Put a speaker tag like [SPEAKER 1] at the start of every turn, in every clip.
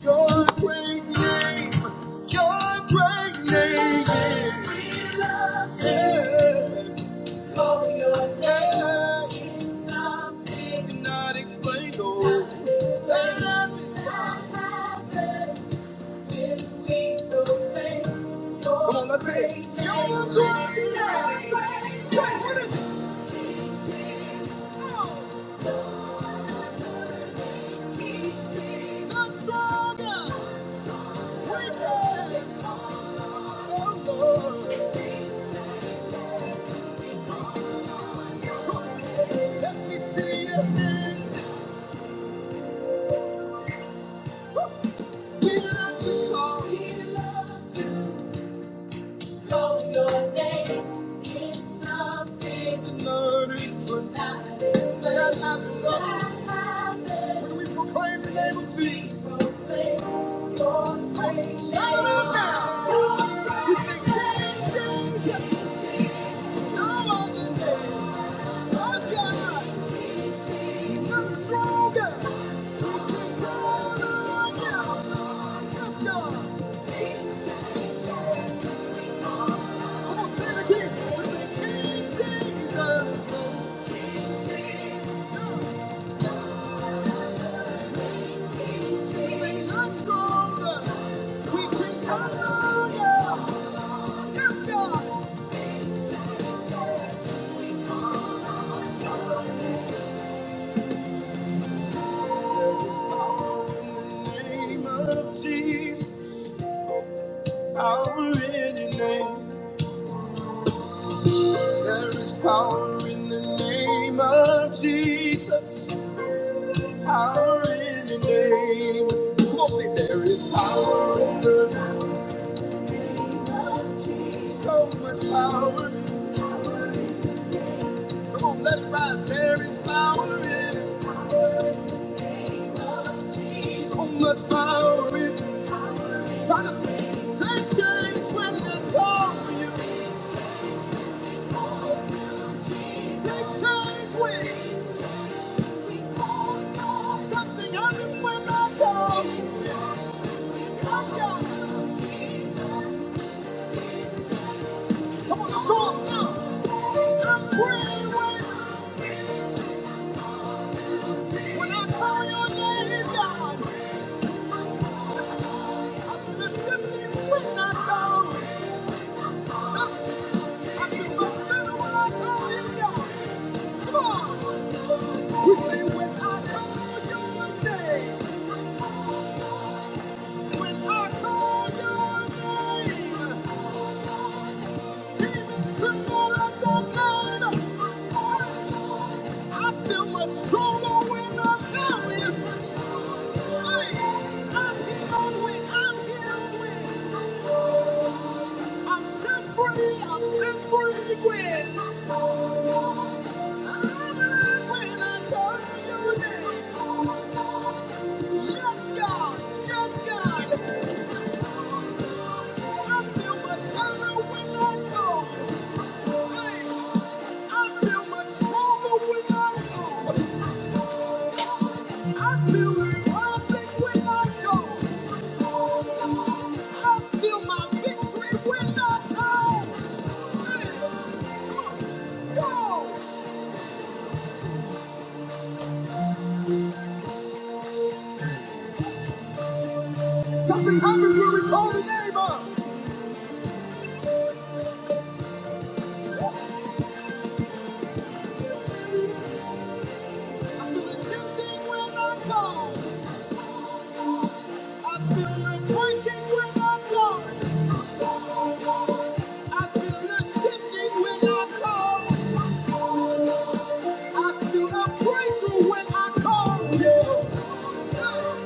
[SPEAKER 1] Your great name, your great name is yeah. Call your name is something cannot explain. Oh, Cannot explain. Come on, let's say it. Great your great name. name. Great, what is it? Oh, I'm stronger. We can. Proclaim the name of Jesus. We proclaim your praise. Shout it out now. We sing, "Great is your name." Jesus. Power in your name. There is power in the name of Jesus. Power in your name. Come on, say there is power in the name So much power. Come on, let it rise. There is power in So much power in Try to say, they change when they call you. They change when. Something happens when I call. I got it. Come on, let now. I'm praying when when I call your name, God. I feel a shifting when I call. I feel much better when I call you, God. Come on. We say when I call your name, when I call your name, demons tremble at the name. I feel much stronger when I tell you. I, I'm healed when I'm healed when I'm set free. I'm set free when I'm alive when I call your name. Yes, God. Yes, God. I feel much better when I know. I feel much stronger when I know. I feel perfect when I go. I feel my victory when I go. Man, come on, go! Something happens when we call the name up. I feel the shifting when I go. I feel the breaking when I go. I feel the shifting when I go. I feel a breakthrough when I call you. Yeah. Hey.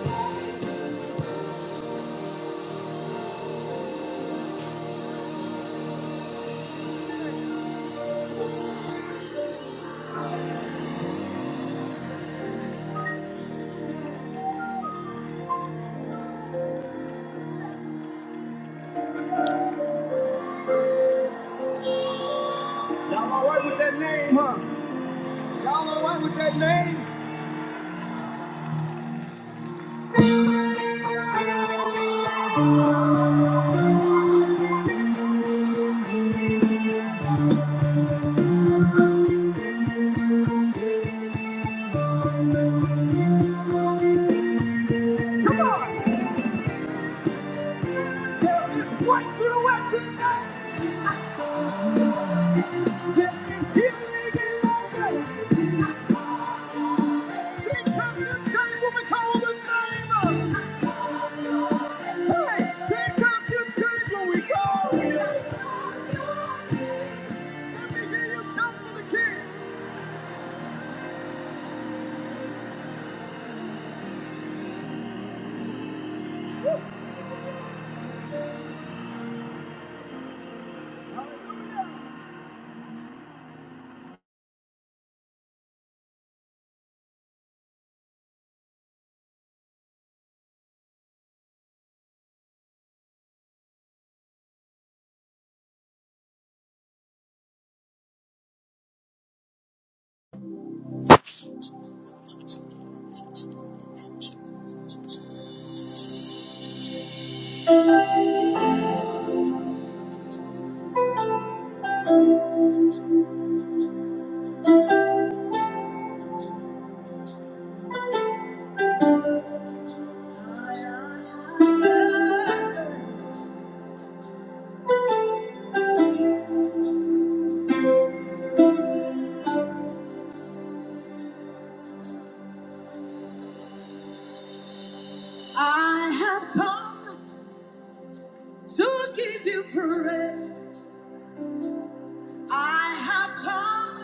[SPEAKER 1] Y'all alright with that name, huh? Y'all alright with that name? Come on! There is breakthrough at the night. There is healing in Things have to change we call the name Hey, things have to change we call. Let me hear you shout for the king. I have to you praise. I have come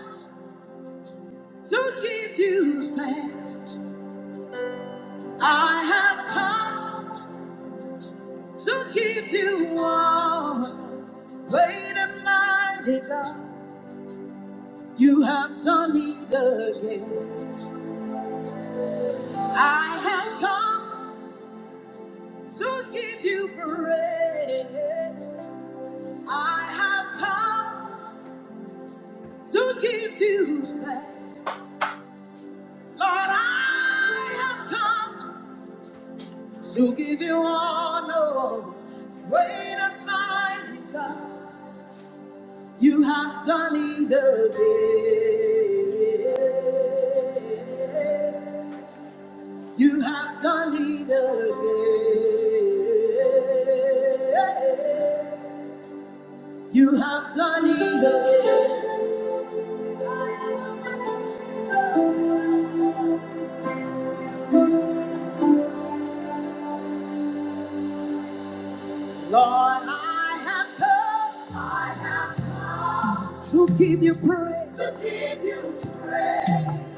[SPEAKER 1] to give you thanks. I have come to give you all. Great and mighty God, you have done it again. I have come to give you praise. I have come to give you thanks. Lord, I have come to give you honor. Great and mighty God. You have done it again. You have done it again. You have done it again. Lord, I have come to give you praise.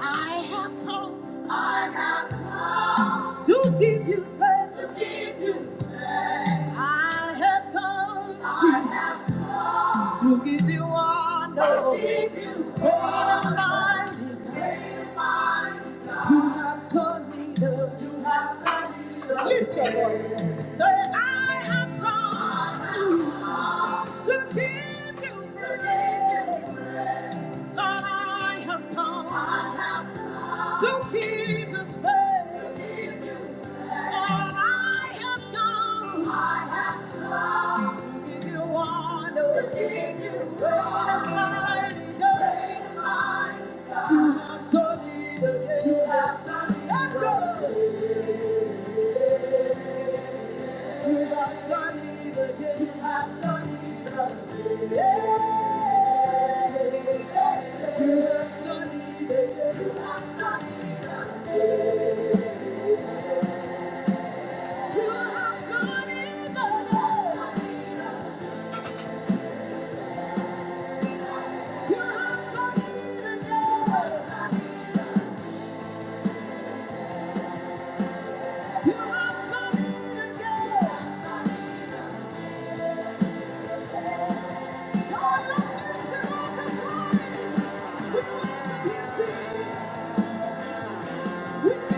[SPEAKER 1] I have come to give you praise. I have come To give you honor, to give you great and mighty, you have turned me to. You have turned me to. Lift your voice. Say, I have come to give you praise. God, I have come to give you praise. God, I have come to give you honor, to give you great and mighty God. done You have done it let You have done it again. You have done it again. Yeah. You have done it again. You have done it again. You have done it again. You have done it again. You have done it again. God, let's give to We worship you, Thank you.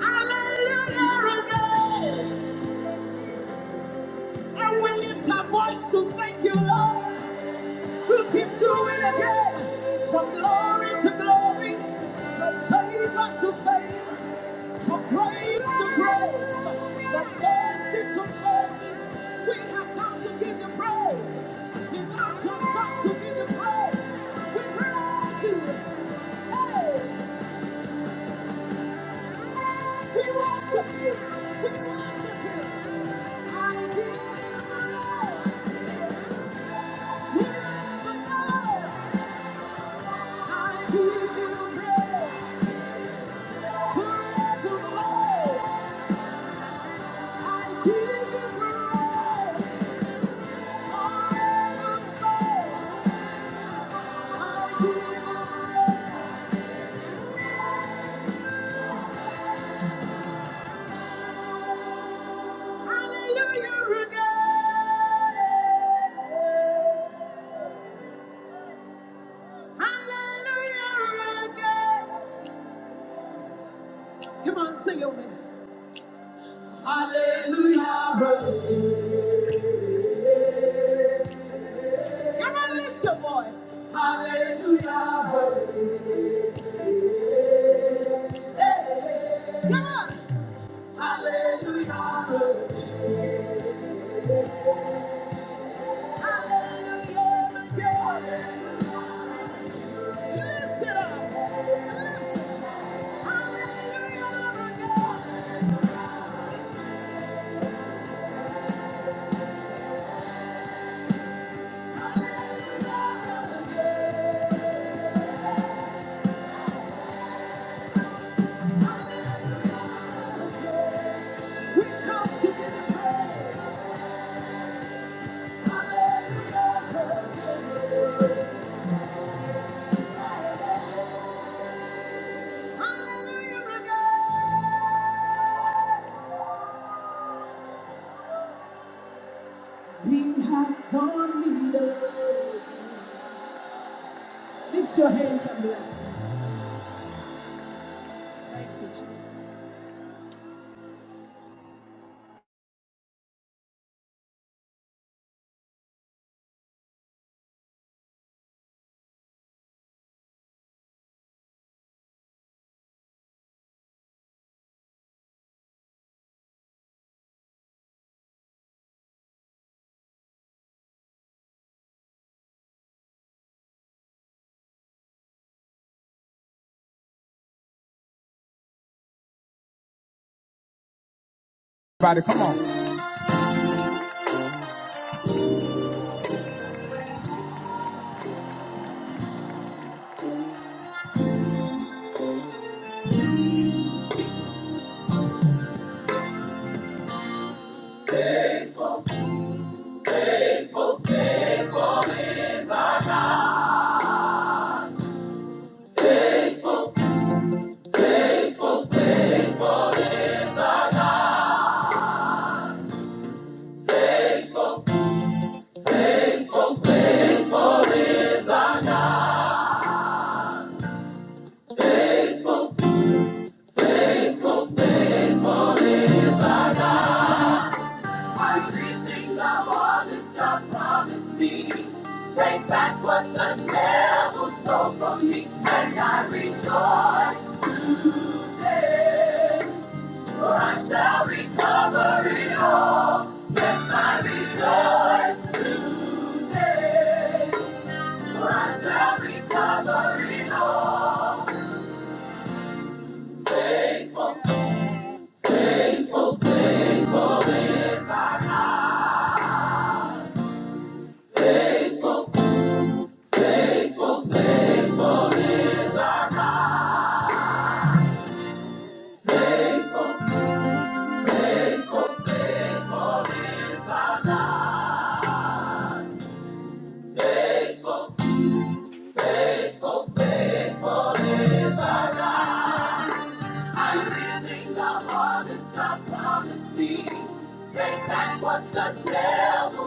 [SPEAKER 1] Hallelujah again. And we lift our voice to thank you, Lord, who keep doing it again. From glory to glory, favor to favor, from grace to grace, from mercy to mercy. We have come to give you praise. She not just come to give you praise. We praise you. Hey. We worship you. We worship you. I give you praise. Forevermore. I give you praise. Forevermore. I give you praise. Forevermore. I give hallelujah again. Hallelujah again. Come on, sing it with me. Come on, lift your voice. Hallelujah. Hey. Come on! Hallelujah. Hallelujah. Yeah. Lift it up. Lift it up. Hallelujah. Yeah. Everything I want is God promised me. Take back what the devil stole from me. And I rejoice. I recover it. Promised me What the devil, stole.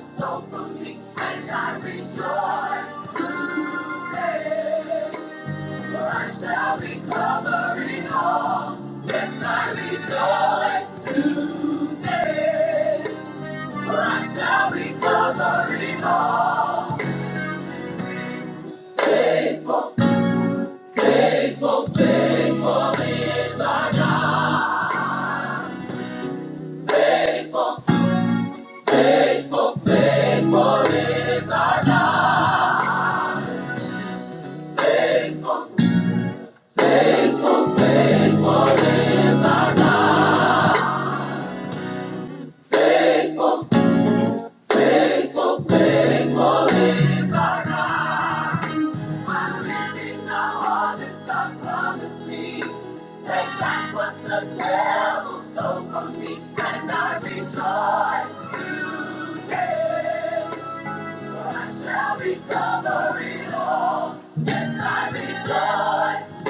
[SPEAKER 1] yes, I rejoice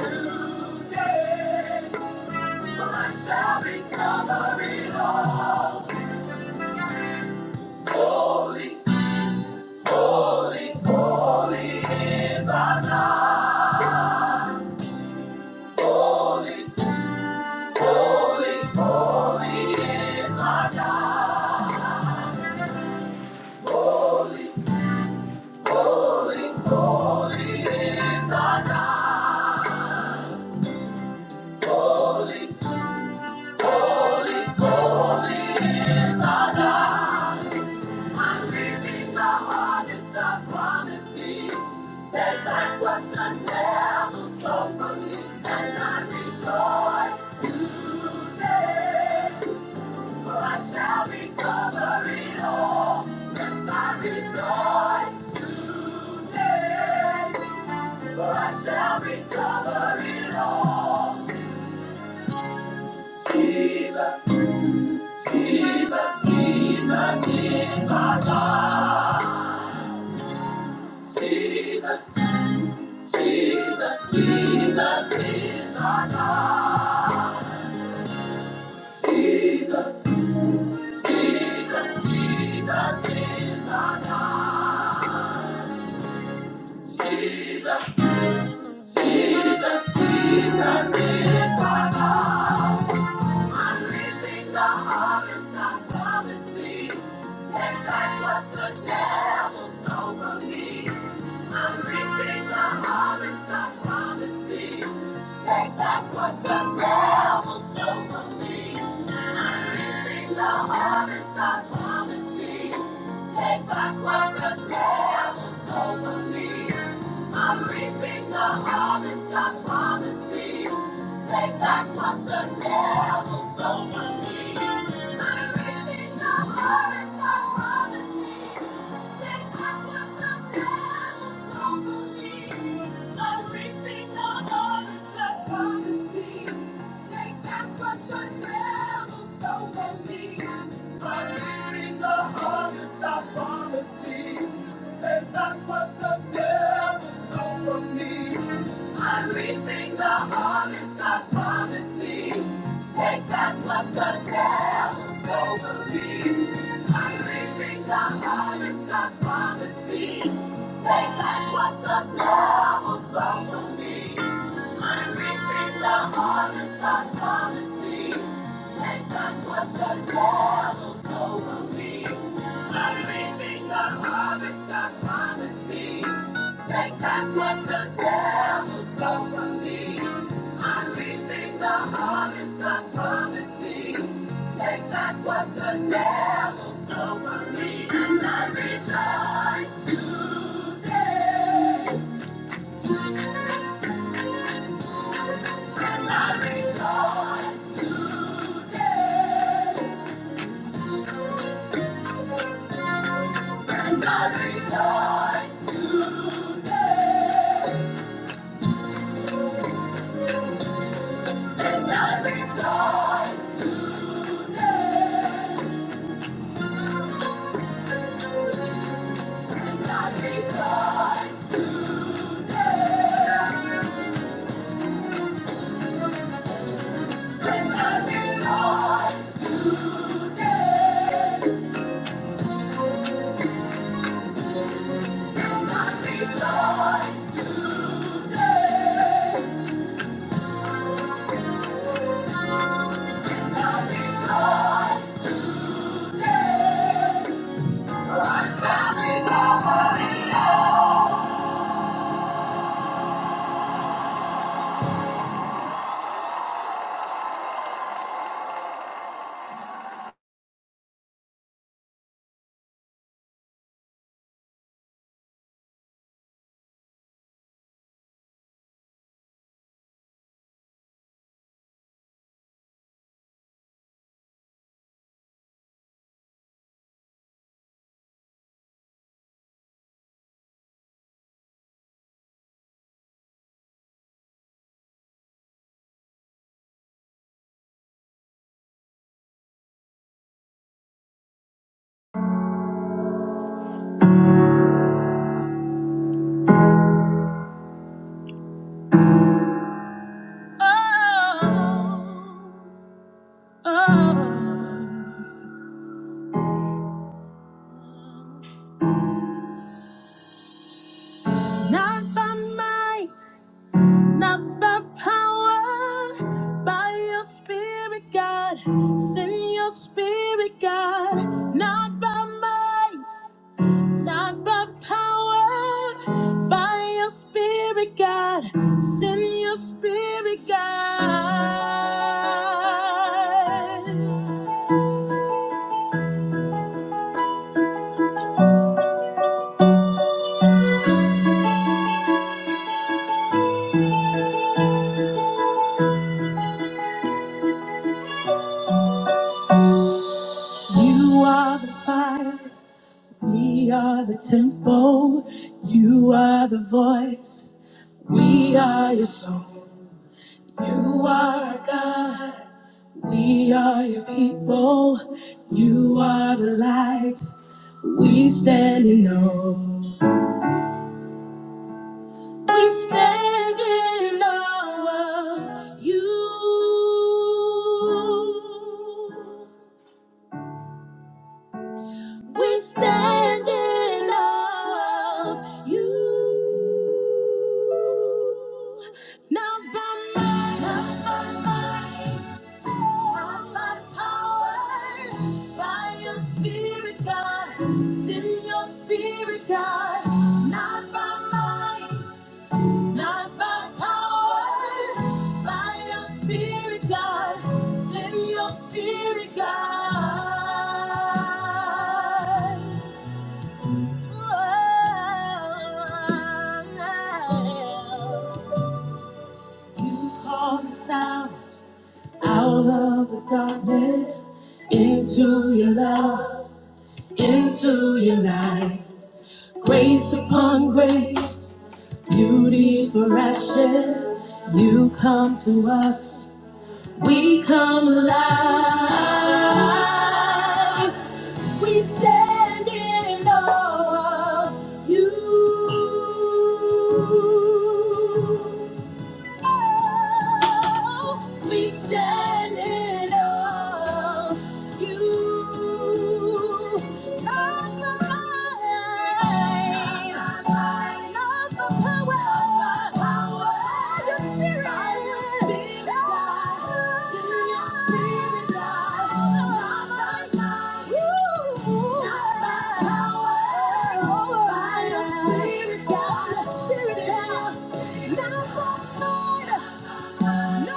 [SPEAKER 1] today. I shall recover it all. Holy, clean is our God. Holy is our God. Holy God, I'm reaping the harvest God promised me. Take back what the devil stole from me, and I rejoice today. For I shall recover it all. Yes, I rejoice today. I shall recover it all. Jesus, Jesus, Jesus is my God. Jesus, Jesus, Jesus is my God. Jesus, Jesus, Jesus, Jesus, Jesus is my God. I'm reaping the harvest God promised me. Take back what the devil stole from me. I'm reaping the harvest God promised me. Take back what the devil stole from me. I'm reaping the harvest God promised me. Take back what the devil stole from me. I'm reaping the harvest God promised me. Take back what the devil stole from me. I'm reaping the harvest God promised me. Take back what the devil stole from me. Everything the harvest God promised me. Take back what the devil stole from me. I'm reaping the harvest God promised me. Swallow me. Over me, and I rejoice today. And I rejoice today. And I rejoice today. And I rejoice. And I rejoice. And I rejoice. And I rejoice. I shall be over me. Oh, oh. Not by might, not by power, by your spirit, God. Send your spirit, God. Not by might, not by power, by your spirit, God. Send your spirit, God. You are the fire. We are the temple, you are the voice, we are your soul. You are our God, we are your people, you are the light, we stand in awe. We stand in awe of you. We stand in love you. Not by might, not by might, not by power, by your spirit, God. Send your spirit, God. Not by might. Not by power, by your spirit, God. Send your spirit, God. You call the sound out of the darkness into your love, into your light. Grace upon grace, beauty for ashes. You come to us. We come alive. We stand in awe of you. Oh, we stand in awe of you. Come alive. Spirit, God, Spirit, God, not by might, Breathe on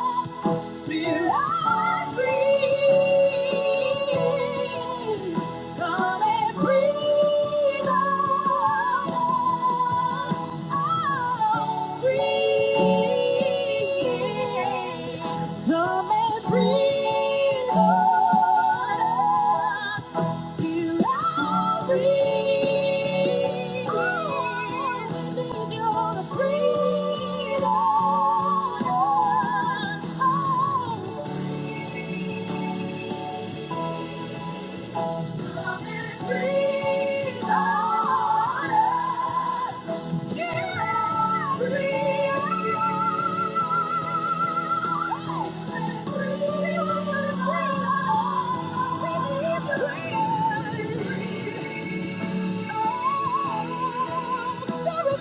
[SPEAKER 1] us. Come and breathe on us.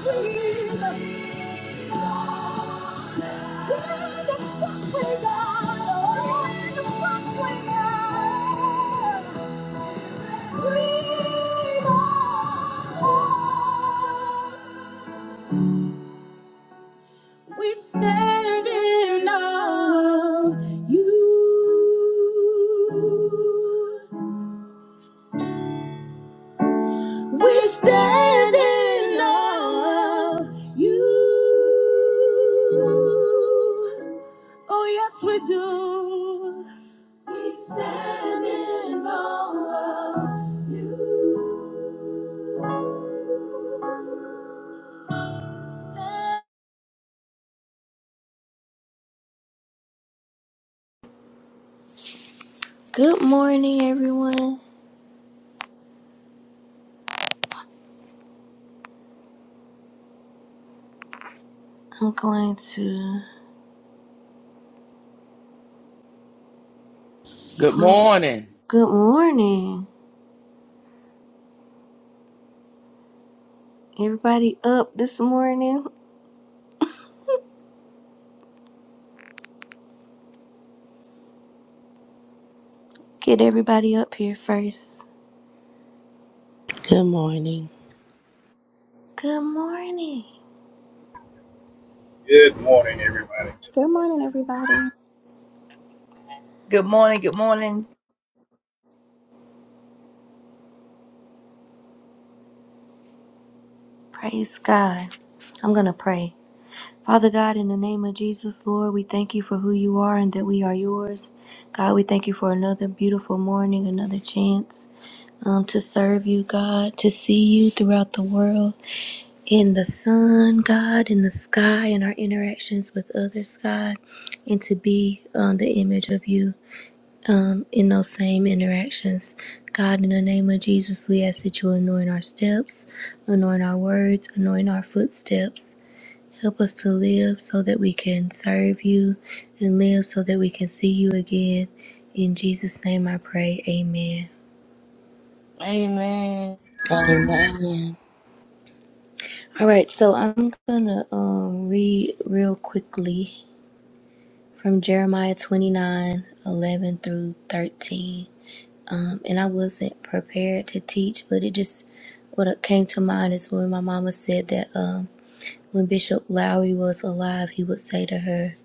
[SPEAKER 1] Breathe on us. We stand in awe of you. We stand in awe of you. Oh, yes, we do. We stand in awe of you.
[SPEAKER 2] Good morning, everyone. I'm going to
[SPEAKER 3] Good
[SPEAKER 2] pull.
[SPEAKER 3] morning.
[SPEAKER 2] Good morning. Everybody up this morning? Get everybody up here first.
[SPEAKER 4] Good morning.
[SPEAKER 2] Good morning.
[SPEAKER 5] Good morning, everybody.
[SPEAKER 6] Good morning, everybody.
[SPEAKER 1] Good morning. Good morning.
[SPEAKER 2] Praise God. I'm going to pray. Father God, in the name of Jesus, Lord, we thank you for who you are and that we are yours. God, we thank you for another beautiful morning, another chance um, to serve you, God, to see you throughout the world. in the sun, God, in the sky, in our interactions with others, God, and to be on the image of you um, in those same interactions. God, in the name of Jesus, we ask that you anoint our steps, anoint our words, anoint our footsteps. Help us to live so that we can serve you and live so that we can see you again. In Jesus' name I pray, amen.
[SPEAKER 7] Amen.
[SPEAKER 4] Amen.
[SPEAKER 2] All right, so I'm gonna um, read real quickly from Jeremiah 29 11 through 13. Um, and I wasn't prepared to teach, but it just, what came to mind is when my mama said that um, when Bishop Lowry was alive, he would say to her,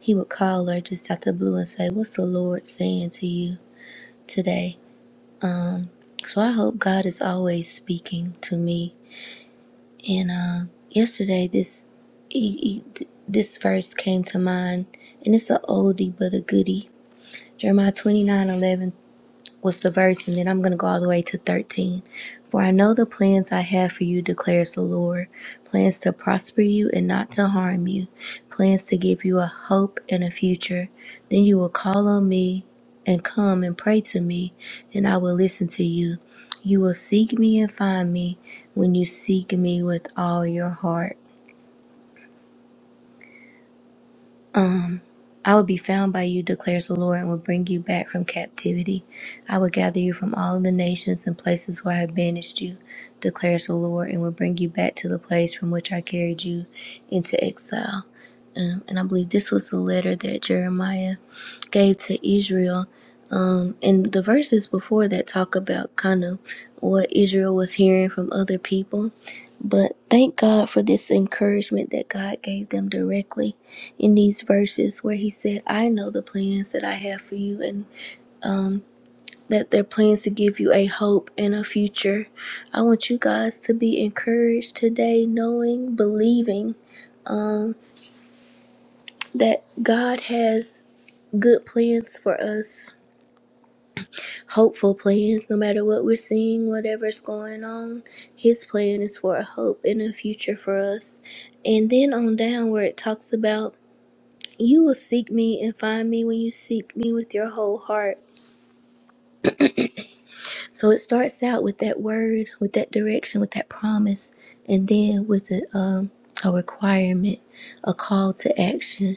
[SPEAKER 2] he would call her just out the blue and say, What's the Lord saying to you today? So I hope God is always speaking to me. And um, yesterday, this, he, he, this verse came to mind, and it's an oldie but a goodie. Jeremiah 29:11 was the verse, and then I'm going to go all the way to 13. For I know the plans I have for you, declares the Lord plans to prosper you and not to harm you, plans to give you a hope and a future. Then you will call on me and come and pray to me, and I will listen to you. You will seek me and find me when you seek me with all your heart. I will be found by you, declares the Lord, and will bring you back from captivity. I will gather you from all the nations and places where I have banished you, declares the Lord, and will bring you back to the place from which I carried you into exile. Um, and I believe this was the letter that Jeremiah gave to Israel. And the verses before that talk about kind of what Israel was hearing from other people but thank God for this encouragement that God gave them directly in these verses where He said, I know the plans that I have for you and that they're plans to give you a hope and a future. I want you guys to be encouraged today, knowing, believing that God has good plans for us, hopeful plans, no matter what we're seeing, whatever's going on. His plan is for a hope and a future for us. And then on down where it talks about You will seek me and find me when you seek me with your whole heart. So it starts out with that word, with that direction, with that promise, and then with a, um, a requirement, a call to action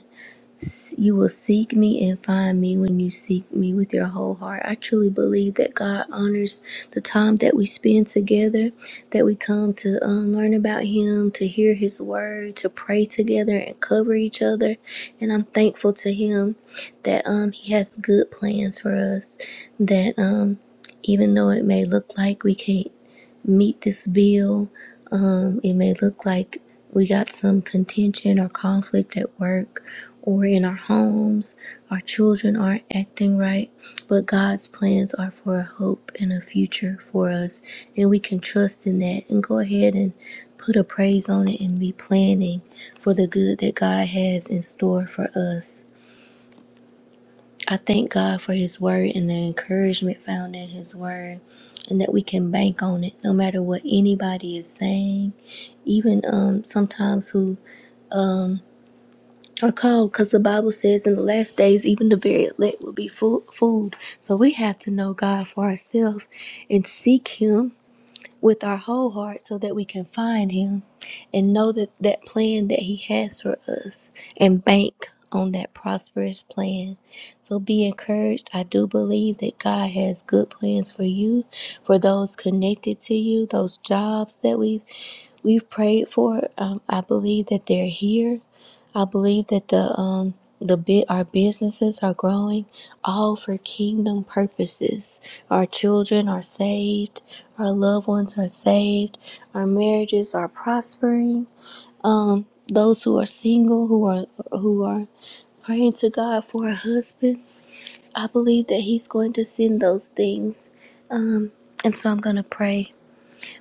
[SPEAKER 2] you will seek me and find me when you seek me with your whole heart. I truly believe that God honors the time that we spend together, that we come to um, learn about Him, to hear His word, to pray together and cover each other. And I'm thankful to Him that um, He has good plans for us, that um, even though it may look like we can't meet this bill. Um, it may look like we got some contention or conflict at work or in our homes. Our children aren't acting right, but God's plans are for a hope and a future for us, and we can trust in that and go ahead and put a praise on it and be planning for the good that God has in store for us. I thank God for His word and the encouragement found in His word, and that we can bank on it no matter what anybody is saying. Even um, sometimes who are called, because the Bible says in the last days, even the very elect will be fo- fooled. So we have to know God for ourselves and seek Him with our whole heart so that we can find him and know that that plan that he has for us and bank on that prosperous plan. So be encouraged. I do believe that God has good plans for you, for those connected to you, those jobs that we've we've prayed for. Um, I believe that they're here. I believe that the um the bit our businesses are growing all for kingdom purposes. Our children are saved, our loved ones are saved, our marriages are prospering. Um those who are single who are who are praying to God for a husband, I believe that he's going to send those things. Um and so I'm going to pray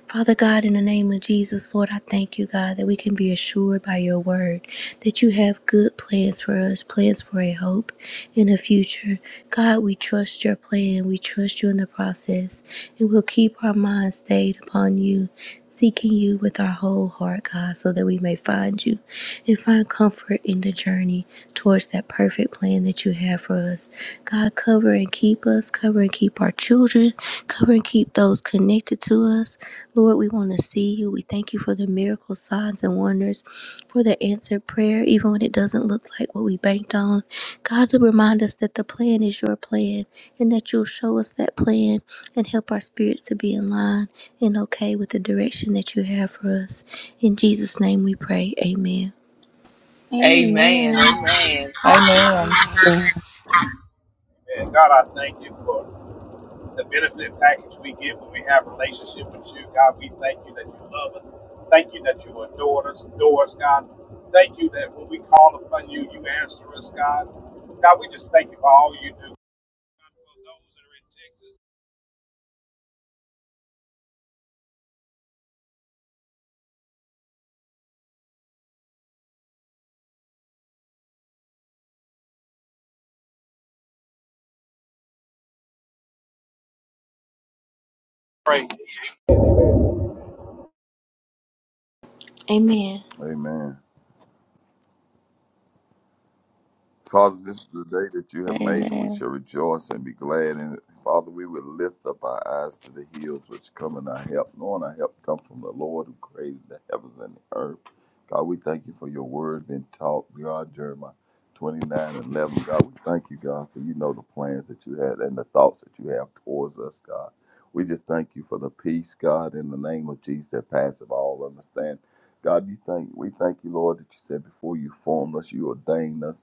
[SPEAKER 2] Father God, in the name of Jesus, Lord, I thank you, God, that we can be assured by your word that you have good plans for us, plans for a hope in the future. God, we trust your plan, we trust you in the process, and we'll keep our minds stayed upon you, seeking you with our whole heart, God, so that we may find you and find comfort in the journey towards that perfect plan that you have for us. God, cover and keep us, cover and keep our children, cover and keep those connected to us. Lord, we want to see you. We thank you for the miracles, signs, and wonders, for the answered prayer, even when it doesn't look like what we banked on. God, to remind us that the plan is your plan and that you'll show us that plan and help our spirits to be in line and okay with the direction that you have for us. In Jesus' name we pray. Amen.
[SPEAKER 3] Amen.
[SPEAKER 6] Amen.
[SPEAKER 3] Amen. Thank you.
[SPEAKER 1] Amen.
[SPEAKER 4] Amen.
[SPEAKER 5] And God, I thank you for the benefit package we get when we have relationship with you. God, we thank you that you love us. Thank you that you adore us, adore us, God. Thank you that when we call upon you, you answer us, God. God, we just thank you for all you do.
[SPEAKER 2] Amen.
[SPEAKER 8] Amen. Father, this is the day that you have made, and we
[SPEAKER 7] Amen.
[SPEAKER 8] shall rejoice and be glad in it. Father, we will lift up our eyes to the hills which come in our help, knowing our help comes from the Lord who created the heavens and the earth. God, we thank you for your word being taught. God, Jeremiah 29 and 11. God, we thank you, God, for you know the plans that you had and the thoughts that you have towards us, God. We just thank you for the peace, God, in the name of Jesus that passeth all understanding. God, you thank we thank you, Lord, that you said before you formed us, you ordained us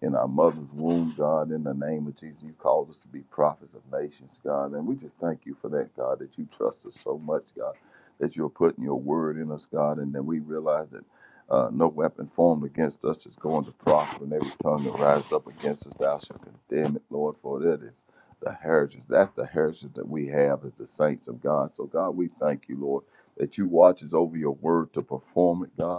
[SPEAKER 8] in our mother's womb, God, in the name of Jesus. You called us to be prophets of nations, God. And we just thank you for that, God, that you trust us so much, God, that you're putting your word in us, God, and that we realize that uh, no weapon formed against us is going to prosper, and every tongue that rises up against us, thou shalt condemn it, Lord, for that is the heritage. That's the heritage that we have as the saints of God. So, God, we thank you, Lord, that you watches over your word to perform it, God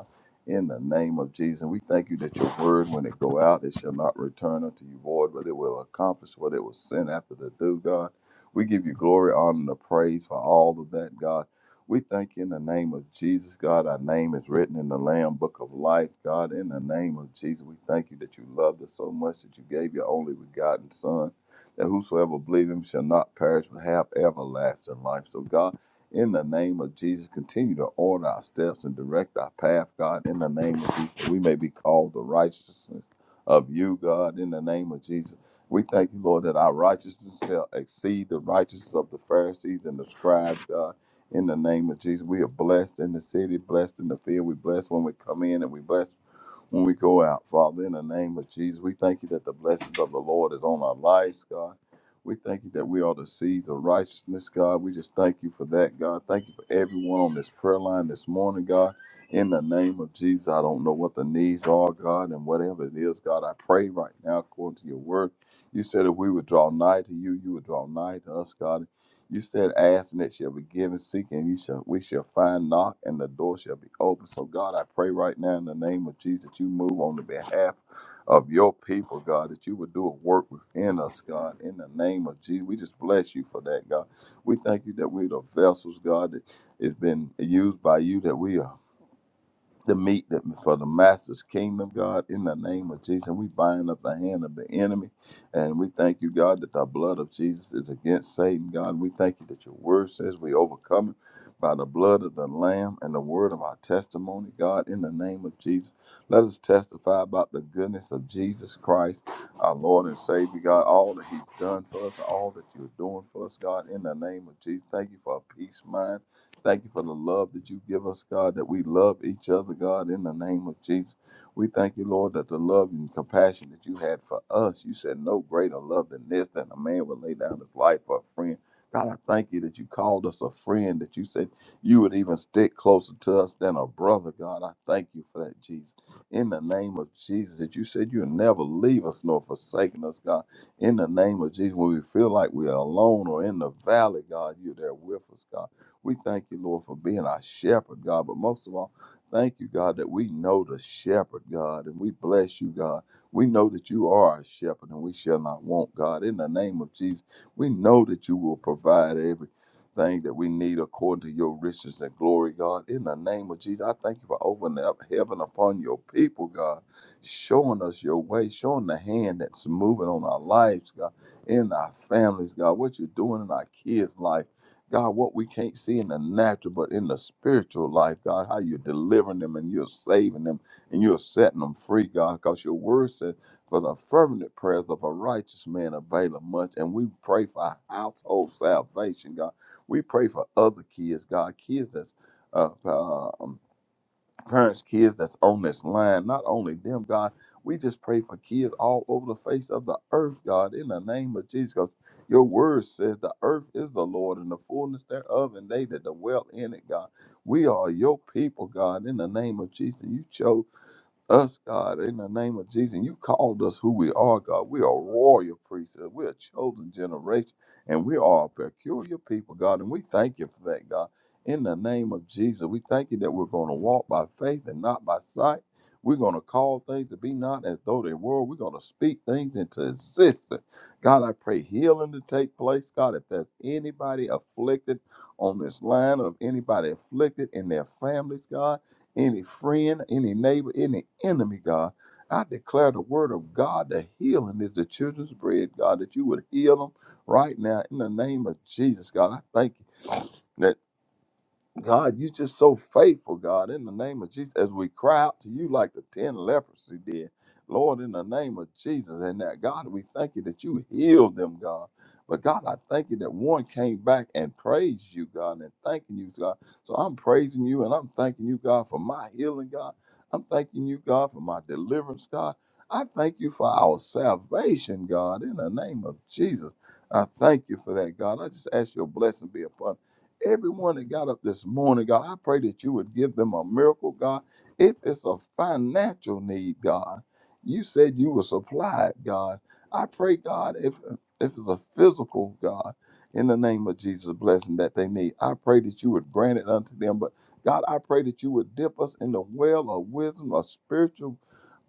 [SPEAKER 8] in the name of Jesus. And We thank you that your word, when it go out, it shall not return unto you void, but it will accomplish what it was sent after to do, God. We give you glory, honor, and praise for all of that, God. We thank you in the name of Jesus, God. Our name is written in the Lamb Book of Life, God. In the name of Jesus, we thank you that you loved us so much that you gave your only begotten Son, that whosoever believe him shall not perish but have everlasting life. So, God, in the name of Jesus, continue to order our steps and direct our path, God. In the name of Jesus, we may be called the righteousness of you, God. In the name of Jesus, we thank you, Lord, that our righteousness shall exceed the righteousness of the Pharisees and the scribes, God. In the name of Jesus, we are blessed in the city, blessed in the field. We bless when we come in, and we bless when we go out. Father, in the name of Jesus, we thank you that the blessings of the Lord is on our lives, God. We thank you that we are the seeds of righteousness, God. We just thank you for that, God. Thank you for everyone on this prayer line this morning, God. In the name of Jesus, I don't know what the needs are, God, and whatever it is, God, I pray right now according to your word. You said if we would draw nigh to you, you would draw nigh to us, God. You said, ask and it shall be given, seek and you shall, we shall find, knock and the door shall be open. So, God, I pray right now in the name of Jesus, you move on the behalf of your people, God, that you would do a work within us, God, in the name of Jesus. We just bless you for that, God. We thank you that we're the vessels, God, that has been used by you, that we are the meat that for the master's kingdom, God, in the name of Jesus. we bind up the hand of the enemy. And we thank you, God, that the blood of Jesus is against Satan, God. We thank you that your word says we overcome it by the blood of the Lamb and the word of our testimony, God, in the name of Jesus. Let us testify about the goodness of Jesus Christ, our Lord and Savior, God, all that He's done for us, all that you're doing for us, God, in the name of Jesus. Thank you for a peace mind. Thank you for the love that you give us, God, that we love each other, God, in the name of Jesus. We thank you, Lord, that the love and compassion that you had for us, you said no greater love than this, that a man would lay down his life for a friend. God, I thank you that you called us a friend, that you said you would even stick closer to us than a brother, God. I thank you for that, Jesus. In the name of Jesus, that you said you'll never leave us nor forsaken us, God. In the name of Jesus, when we feel like we're alone or in the valley, God, you're there with us, God. We thank you, Lord, for being our shepherd, God. But most of all, thank you, God, that we know the shepherd, God, and we bless you, God. We know that you are our shepherd and we shall not want, God. In the name of Jesus, we know that you will provide everything that we need according to your riches and glory, God. In the name of Jesus, I thank you for opening up heaven upon your people, God, showing us your way, showing the hand that's moving on our lives, God, in our families, God, what you're doing in our kids' life. God, what we can't see in the natural, but in the spiritual life, God, how you're delivering them and you're saving them and you're setting them free, God, because your word says, for the fervent prayers of a righteous man availeth much. And we pray for household salvation, God. We pray for other kids, God, kids that's uh, uh, um, parents, kids that's on this line, not only them, God, we just pray for kids all over the face of the earth, God, in the name of Jesus. 'Cause Your word says the earth is the Lord and the fullness thereof, and they that dwell in it, God. We are your people, God, in the name of Jesus. You chose us, God, in the name of Jesus. And you called us who we are, God. We are royal priesthood. We're a chosen generation, and we are a peculiar people, God. And we thank you for that, God. In the name of Jesus, we thank you that we're going to walk by faith and not by sight. We're going to call things to be not as though they were. We're going to speak things into existence. God, I pray healing to take place. God, if there's anybody afflicted on this line, of anybody afflicted in their families, God any friend, any neighbor, any enemy, God. I declare the word of God that healing is the children's bread, God, that you would heal them right now in the name of Jesus, God. I thank you. that. God, you're just so faithful, God, in the name of Jesus. As we cry out to you like the 10 lepers who did, Lord, in the name of Jesus. And that, God, we thank you that you healed them, God. But God, I thank you that one came back and praised you, God, and thanking you, God. So I'm praising you and I'm thanking you, God, for my healing, God. I'm thanking you, God, for my deliverance, God. I thank you for our salvation, God, in the name of Jesus. I thank you for that, God. I just ask your blessing be upon Everyone that got up this morning, God, I pray that you would give them a miracle, God. If it's a financial need, God, you said you would supply it, God. I pray, God, if if it's a physical, God, in the name of Jesus, blessing that they need, I pray that you would grant it unto them. But God, I pray that you would dip us in the well of wisdom, a spiritual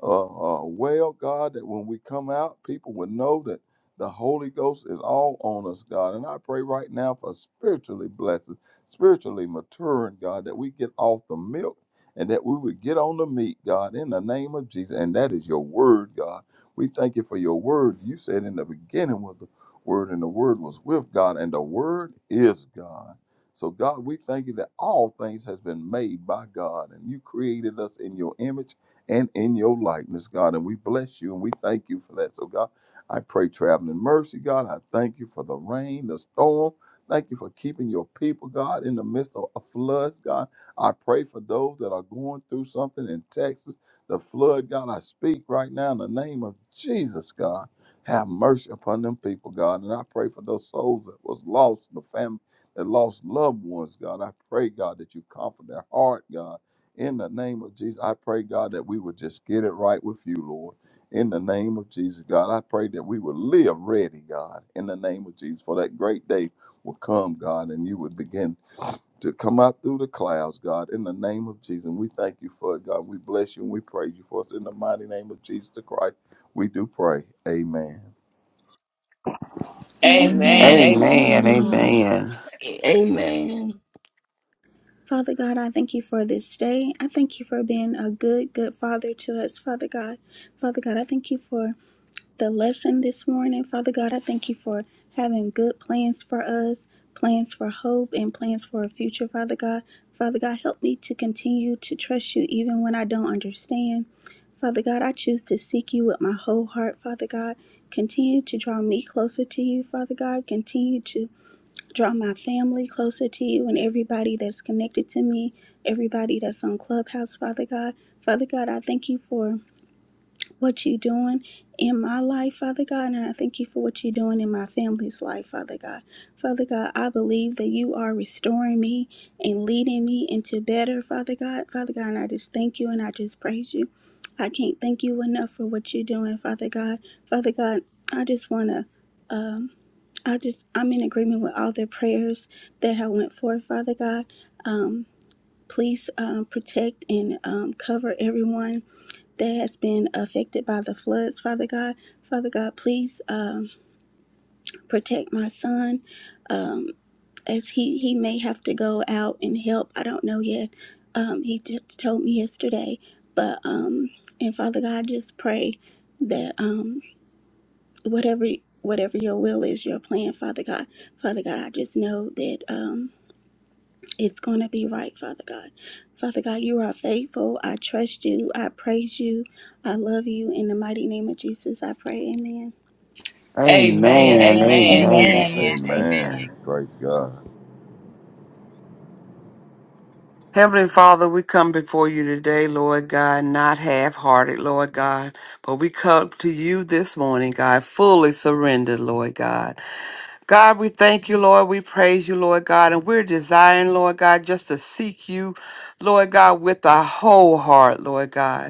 [SPEAKER 8] uh, uh, well, God, that when we come out, people would know that. The Holy Ghost is all on us, God. And I pray right now for spiritually blessed, spiritually maturing, God, that we get off the milk and that we would get on the meat, God, in the name of Jesus. And that is your word, God. We thank you for your word. You said in the beginning was the word, and the word was with God, and the word is God. So, God, we thank you that all things has been made by God, and you created us in your image and in your likeness, God. And we bless you and we thank you for that. So, God, I pray traveling mercy, God. I thank you for the rain, the storm. Thank you for keeping your people, God, in the midst of a flood, God. I pray for those that are going through something in Texas, the flood, God. I speak right now in the name of Jesus, God. Have mercy upon them people, God. And I pray for those souls that was lost, the family that lost loved ones, God. I pray, God, that you comfort their heart, God. In the name of Jesus, I pray, God, that we would just get it right with you, Lord. In the name of Jesus, God, I pray that we will live ready, God, in the name of Jesus, for that great day will come, God, and you would begin to come out through the clouds, God, in the name of Jesus. And we thank you for it, God. We bless you and we praise you for us. In the mighty name of Jesus the Christ, we do pray. Amen.
[SPEAKER 3] Amen.
[SPEAKER 6] Amen.
[SPEAKER 3] Amen.
[SPEAKER 9] Amen.
[SPEAKER 6] Amen.
[SPEAKER 2] Amen.
[SPEAKER 9] Amen.
[SPEAKER 7] Amen.
[SPEAKER 6] Father God, I thank you for this day. I thank you for being a good, good father to us, Father God. Father God, I thank you for the lesson this morning. Father God, I thank you for having good plans for us, plans for hope, and plans for a future, Father God. Father God, help me to continue to trust you even when I don't understand. Father God, I choose to seek you with my whole heart, Father God. Continue to draw me closer to you, Father God. Continue to draw my family closer to you and everybody that's connected to me, everybody that's on Clubhouse, Father God. Father God, I thank you for what you're doing in my life, Father God, and I thank you for what you're doing in my family's life, Father God. Father God, I believe that you are restoring me and leading me into better, Father God. Father God, and I just thank you and I just praise you. I can't thank you enough for what you're doing, Father God. Father God, I just want to. Um, I just I'm in agreement with all the prayers that have went forth, Father God. Um, please um, protect and um, cover everyone that has been affected by the floods, Father God. Father God, please um, protect my son um, as he, he may have to go out and help. I don't know yet. Um, he just told me yesterday. But, um, and Father God, I just pray that um, whatever whatever your will is, your plan, Father God, Father God, I just know that. Um, it's going to be right, Father God. Father God, you are faithful. I trust you. I praise you. I love you. In the mighty name of Jesus, I pray. Amen.
[SPEAKER 3] Amen.
[SPEAKER 10] Amen.
[SPEAKER 9] Amen. Amen.
[SPEAKER 3] Amen.
[SPEAKER 7] Amen.
[SPEAKER 1] Amen.
[SPEAKER 10] Amen.
[SPEAKER 9] Amen.
[SPEAKER 8] Amen.
[SPEAKER 10] Amen.
[SPEAKER 8] Praise God.
[SPEAKER 9] Heavenly Father, we come before you today, Lord God, not half hearted, Lord God, but we come to you this morning, God, fully surrendered, Lord God. God, we thank you, Lord. We praise you, Lord God. And we're desiring, Lord God, just to seek you, Lord God, with our whole heart, Lord God.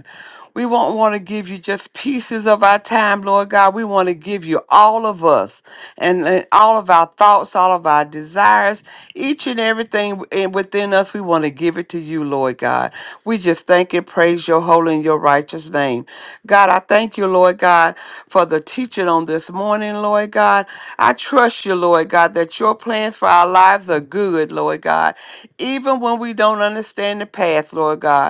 [SPEAKER 9] We won't want to give you just pieces of our time, Lord God. We want to give you all of us and, and all of our thoughts, all of our desires, each and everything in- within us. We want to give it to you, Lord God. We just thank and praise your holy and your righteous name. God, I thank you, Lord God, for the teaching on this morning, Lord God. I trust you, Lord God, that your plans for our lives are good, Lord God. Even when we don't understand the path, Lord God.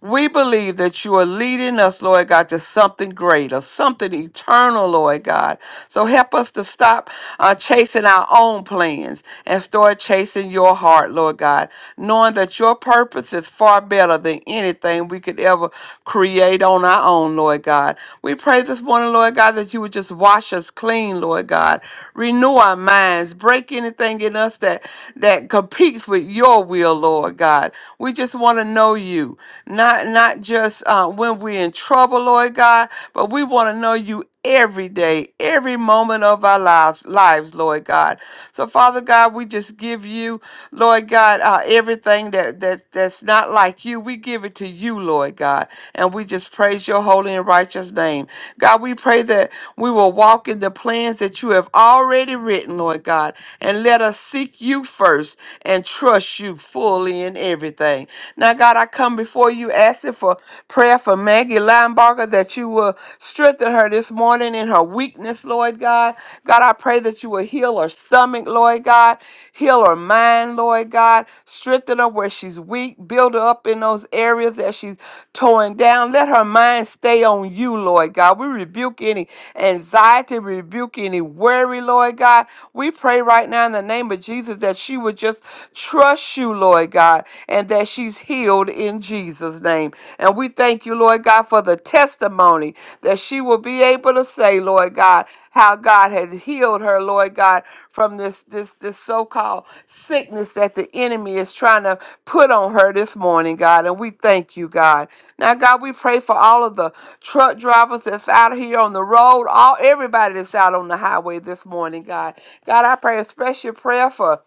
[SPEAKER 9] We believe that you are leading us, Lord God, to something greater, something eternal, Lord God. So help us to stop uh, chasing our own plans and start chasing your heart, Lord God, knowing that your purpose is far better than anything we could ever create on our own, Lord God. We pray this morning, Lord God, that you would just wash us clean, Lord God. Renew our minds. Break anything in us that, that competes with your will, Lord God. We just want to know you not not just uh, when we're in trouble, Lord God, but we want to know you every day, every moment of our lives, lives, Lord God. So, Father God, we just give you, Lord God, uh, everything that that that's not like you. We give it to you, Lord God, and we just praise your holy and righteous name, God. We pray that we will walk in the plans that you have already written, Lord God and let us seek you first and trust you fully in everything. Now, God, I come before you asking for prayer for Maggie Linebarger that you will strengthen her this morning in her weakness, Lord God. God, I pray that you will heal her stomach, Lord God. Heal her mind, Lord God. Strengthen her where she's weak. Build her up in those areas that she's torn down. Let her mind stay on you, Lord God. We rebuke any anxiety, rebuke any worry, Lord God. We pray right now in the name of Jesus that she would just trust you, Lord God, and that she's healed in Jesus' name. And we thank you, Lord God, for the testimony that she will be able able to say, Lord God, how God has healed her, Lord God, from this this this so-called sickness that the enemy is trying to put on her this morning, God. And we thank you, God. Now, God, we pray for all of the truck drivers that's out here on the road, all everybody that's out on the highway this morning, God. God, I pray a special prayer for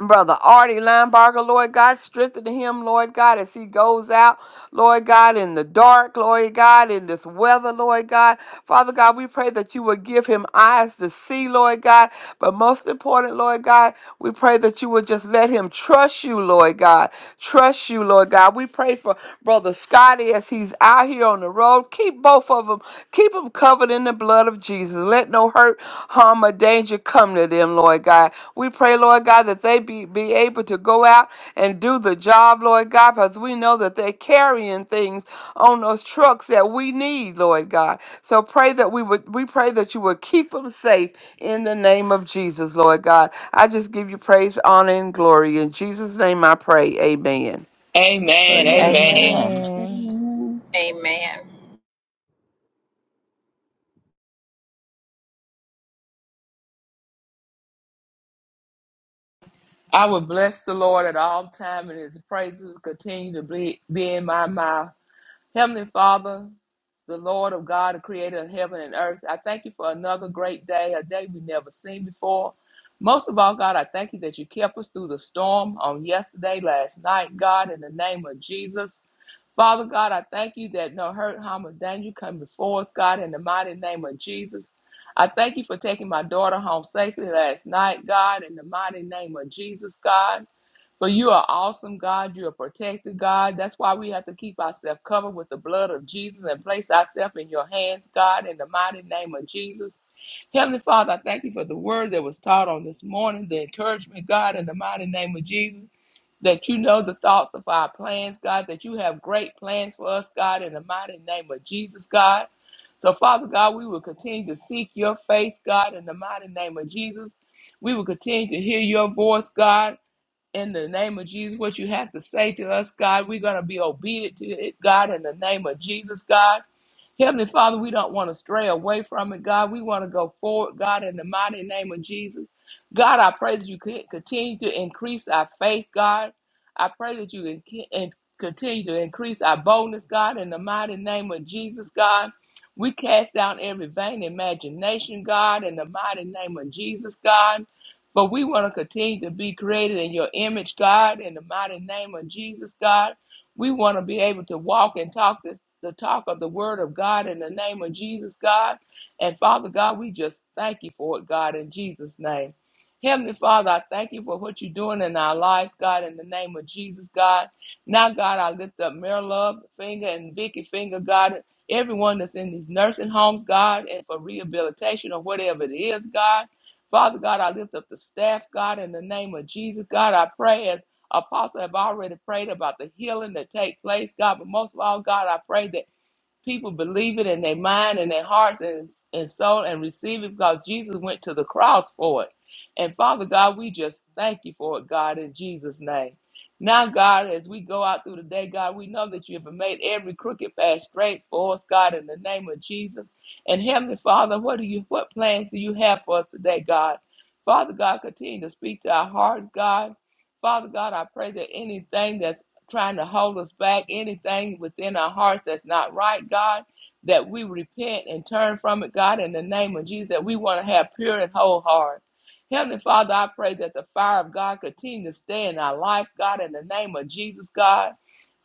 [SPEAKER 9] Brother Artie Linebarger, Lord God, strengthen him, Lord God, as he goes out, Lord God, in the dark, Lord God, in this weather, Lord God. Father God, we pray that you would give him eyes to see, Lord God. But most important, Lord God, we pray that you would just let him trust you, Lord God. Trust you, Lord God. We pray for Brother Scotty as he's out here on the road. Keep both of them, keep them covered. But in the blood of Jesus, let no hurt, harm, or danger come to them, Lord God. We pray, Lord God, that they be, be able to go out and do the job, Lord God, because we know that they're carrying things on those trucks that we need, Lord God. So pray that we would we pray that you would keep them safe in the name of Jesus, Lord God. I just give you praise, honor, and glory. In Jesus' name I pray. Amen.
[SPEAKER 3] Amen.
[SPEAKER 8] Amen.
[SPEAKER 2] Amen.
[SPEAKER 3] Amen.
[SPEAKER 1] Amen.
[SPEAKER 7] Amen.
[SPEAKER 6] Amen.
[SPEAKER 10] Amen.
[SPEAKER 3] I will bless the Lord at all time and his praises will continue to be, be in my mouth. Heavenly Father, the Lord of God, the creator of heaven and earth, I thank you for another great day, a day we've never seen before. Most of all, God, I thank you that you kept us through the storm on yesterday, last night, God, in the name of Jesus. Father God, I thank you that no hurt, harm, or danger come before us, God, in the mighty name of Jesus. I thank you for taking my daughter home safely last night, God, in the mighty name of Jesus, God. For you are awesome, God. You are protected, God. That's why we have to keep ourselves covered with the blood of Jesus and place ourselves in your hands, God, in the mighty name of Jesus. Heavenly Father, I thank you for the word that was taught on this morning, the encouragement, God, in the mighty name of Jesus, that you know the thoughts of our plans, God, that you have great plans for us, God, in the mighty name of Jesus, God. So, Father God, we will continue to seek your face, God, in the mighty name of Jesus. We will continue to hear your voice, God, in the name of Jesus. What you have to say to us, God, we're going to be obedient to it, God, in the name of Jesus, God. Heavenly Father, we don't want to stray away from it, God. We want to go forward, God, in the mighty name of Jesus. God, I pray that you could continue to increase our faith, God. I pray that you can can- and continue to increase our boldness, God, in the mighty name of Jesus, God. We cast down every vain imagination, God, in the mighty name of Jesus, God. But we want to continue to be created in your image, God, in the mighty name of Jesus, God. We want to be able to walk and talk this, the talk of the word of God in the name of Jesus, God. And Father God, we just thank you for it, God, in Jesus' name. Heavenly Father, I thank you for what you're doing in our lives, God, in the name of Jesus, God. Now, God, I lift up Mary Love Finger and Vicky Finger, God, everyone that's in these nursing homes, God, and for rehabilitation or whatever it is, God. Father God, I lift up the staff, God, in the name of Jesus. God, I pray as Apostle have already prayed about the healing that take place, God. But most of all, God, I pray that People believe it in their mind and their hearts and, and soul and receive it because Jesus went to the cross for it. And Father God, we just thank you for it, God, in Jesus' name. Now, God, as we go out through the day, God, we know that you have made every crooked path straight for us, God, in the name of Jesus. And Heavenly Father, what do you what plans do you have for us today, God? Father God, continue to speak to our hearts, God. Father God, I pray that anything that's trying to hold us back, anything within our hearts that's not right, God, that we repent and turn from it, God, in the name of Jesus, that we want to have pure and whole heart. Heavenly Father, I pray that the fire of God continue to stay in our lives, God, in the name of Jesus, God.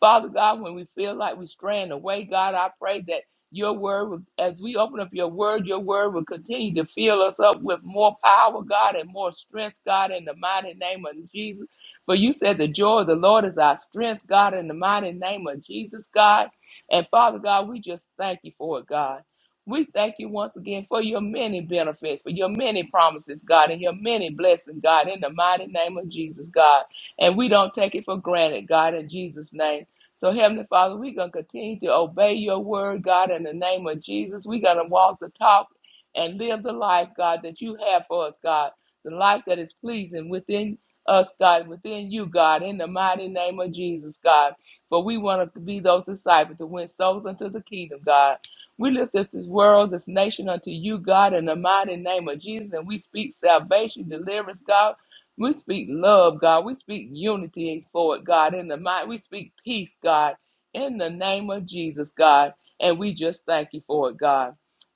[SPEAKER 3] Father God, when we feel like we're straying away, God, I pray that your word, will, as we open up your word, your word will continue to fill us up with more power, God, and more strength, God, in the mighty name of Jesus. For you said the joy of the Lord is our strength, God, in the mighty name of Jesus, God. And Father God, we just thank you for it, God. We thank you once again for your many benefits, for your many promises, God, and your many blessings, God, in the mighty name of Jesus, God. And we don't take it for granted, God, in Jesus' name. So, Heavenly Father, we're going to continue to obey your word, God, in the name of Jesus. We're going to walk the talk and live the life, God, that you have for us, God, the life that is pleasing within us, God, within you, God, in the mighty name of Jesus, God. For we want to be those disciples to win souls unto the kingdom, God. We lift this this world, this nation unto you, God, in the mighty name of Jesus. And we speak salvation, deliverance, God. We speak love, God. We speak unity for it, God, in the might. We speak peace, God, in the name of Jesus, God. And we just thank you for it, God.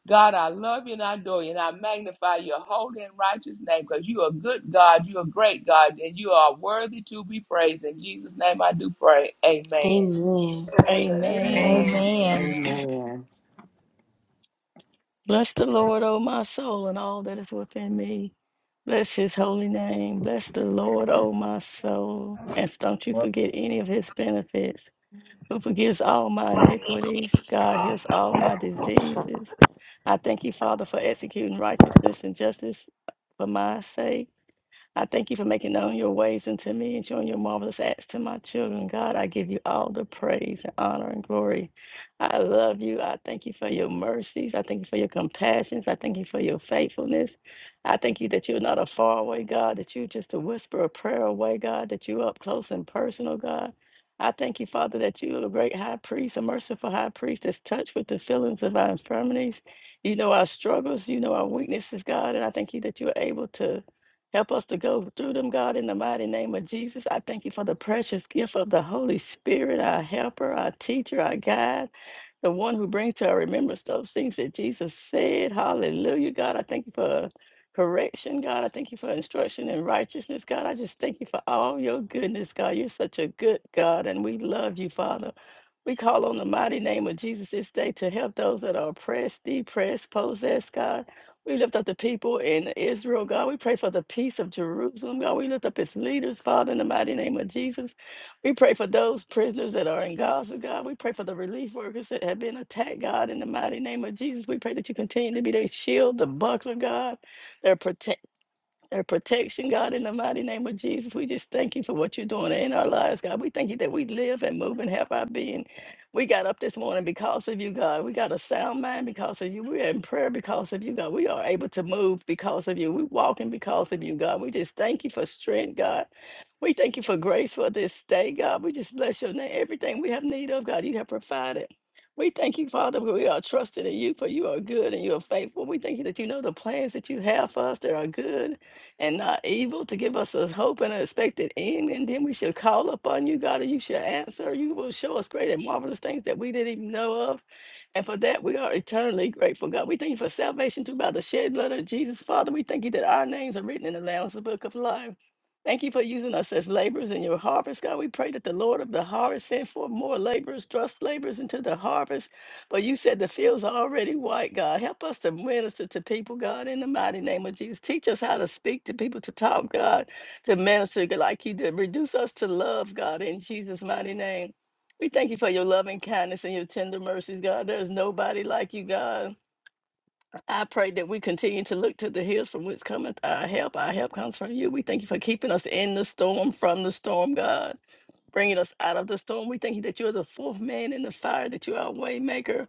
[SPEAKER 3] God, I love you and I adore you and I magnify your holy and righteous name because you are good God, you are great God, and you are worthy to be praised. In Jesus' name I do pray. Amen.
[SPEAKER 2] Amen.
[SPEAKER 8] Amen.
[SPEAKER 7] Amen.
[SPEAKER 1] Amen.
[SPEAKER 9] Amen.
[SPEAKER 7] Bless the Lord, O my soul, and all that is within me. Bless his holy name. Bless the Lord, O my soul. And don't you forget any of his benefits, who forgives all my iniquities. God heals all my diseases. I thank you, Father, for executing righteousness and justice for my sake. I thank you for making known your ways unto me and showing your marvelous acts to my children. God, I give you all the praise and honor and glory. I love you. I thank you for your mercies. I thank you for your compassions. I thank you for your faithfulness. I thank you that you're not a faraway God, that you're just a whisper of prayer away, God, that you're up close and personal, God. I thank you, Father, that you are a great high priest, a merciful high priest that's touched with the feelings of our infirmities. You know our struggles, you know our weaknesses, God, and I thank you that you are able to Help us to go through them, God, in the mighty name of Jesus. I thank you for the precious gift of the Holy Spirit, our helper, our teacher, our guide, the one who brings to our remembrance those things that Jesus said. Hallelujah, God. I thank you for correction, God. I thank you for instruction in righteousness, God. I just thank you for all your goodness, God. You're such a good God, and we love you, Father. We call on the mighty name of Jesus this day to help those that are oppressed, depressed, possessed, God. We lift up the people in Israel, God. We pray for the peace of Jerusalem, God. We lift up its leaders, Father, in the mighty name of Jesus. We pray for those prisoners that are in Gaza, God. We pray for the relief workers that have been attacked, God, in the mighty name of Jesus. We pray that you continue to be their shield, the buckler, God, their prote- and protection, God, in the mighty name of Jesus. We just thank you for what you're doing in our lives, God. We thank you that we live and move and have our being. We got up this morning because of you, God. We got a sound mind because of you. We're in prayer because of you, God. We are able to move because of you. We're walking because of you, God. We just thank you for strength, God. We thank you for grace for this day, God. We just bless your name. Everything we have need of, God, you have provided. We thank you, Father, for we are trusting in you, for you are good and you are faithful. We thank you that you know the plans that you have for us that are good and not evil to give us a hope and an expected end. And then we shall call upon you, God, and you shall answer. You will show us great and marvelous things that we didn't even know of. And for that, we are eternally grateful, God. We thank you for salvation through by the shed blood of Jesus. Father, we thank you that our names are written in the Lamb's Book of Life. Thank you for using us as laborers in your harvest, God. We pray that the Lord of the harvest send forth more laborers, trust laborers into the harvest well, you said the fields are already white, God. Help us to minister to people, God, in the mighty name of Jesus. Teach us how to speak to people, to talk, God, to minister like you did. Reduce us to love, God, in Jesus' mighty name. We thank you for your loving kindness and your tender mercies, God. There is nobody like you, God. I pray that we continue to look to the hills from which cometh our help. Our help comes from you. We thank you for keeping us in the storm, from the storm, God bringing us out of the storm. We thank you that you're the fourth man in the fire, that you are a way maker.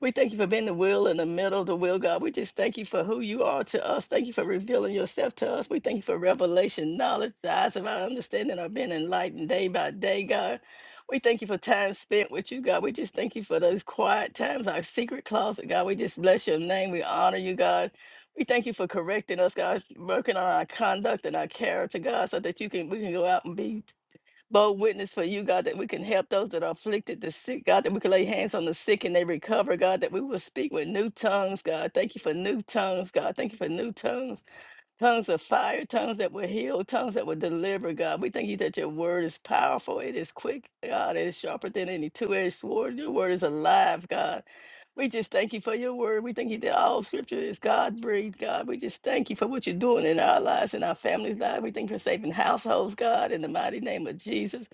[SPEAKER 7] We thank you for being the will in the middle of the will, God. We just thank you for who you are to us. Thank you for revealing yourself to us. We thank you for revelation, knowledge. The eyes of our understanding are being enlightened day by day, God. We thank you for time spent with you, God. We just thank you for those quiet times, our secret closet, God. We just bless your name. We honor you, God. We thank you for correcting us, God, working on our conduct and our character, God, so that you can we can go out and be Lord, witness for you, God, that we can help those that are afflicted, the sick, God, that we can lay hands on the sick and they recover, God, that we will speak with new tongues, God. Thank you for new tongues, God. Thank you for new tongues, tongues of fire, tongues that will heal, tongues that will deliver, God. We thank you that your word is powerful, it is quick, God, it is sharper than any two edged sword. Your word is alive, God. We just thank you for your word. We thank you that all scripture is God breathed, God. We just thank you for what you're doing in our lives, in our families' lives. We thank you for saving households, God, in the mighty name of Jesus.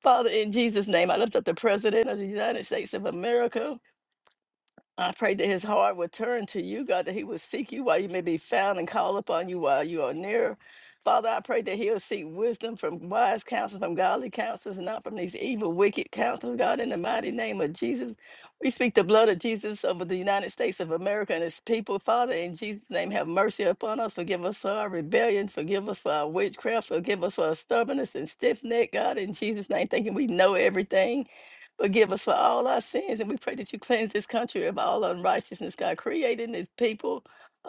[SPEAKER 7] Father, in Jesus' name, I lift up the President of the United States of America. I pray that his heart would turn to you, God, that he would seek you while you may be found and call upon you while you are near. Father, I pray that he'll seek wisdom from wise counsel, from godly counselors, not from these evil, wicked counselors. God, in the mighty name of Jesus, we speak the blood of Jesus over the United States of America and its people. Father, in Jesus' name, have mercy upon us. Forgive us for our rebellion. Forgive us for our witchcraft. Forgive us for our stubbornness and stiff neck, God, in Jesus' name, thinking we know everything. Forgive us for all our sins, and we pray that you cleanse this country of all unrighteousness, God, creating this people.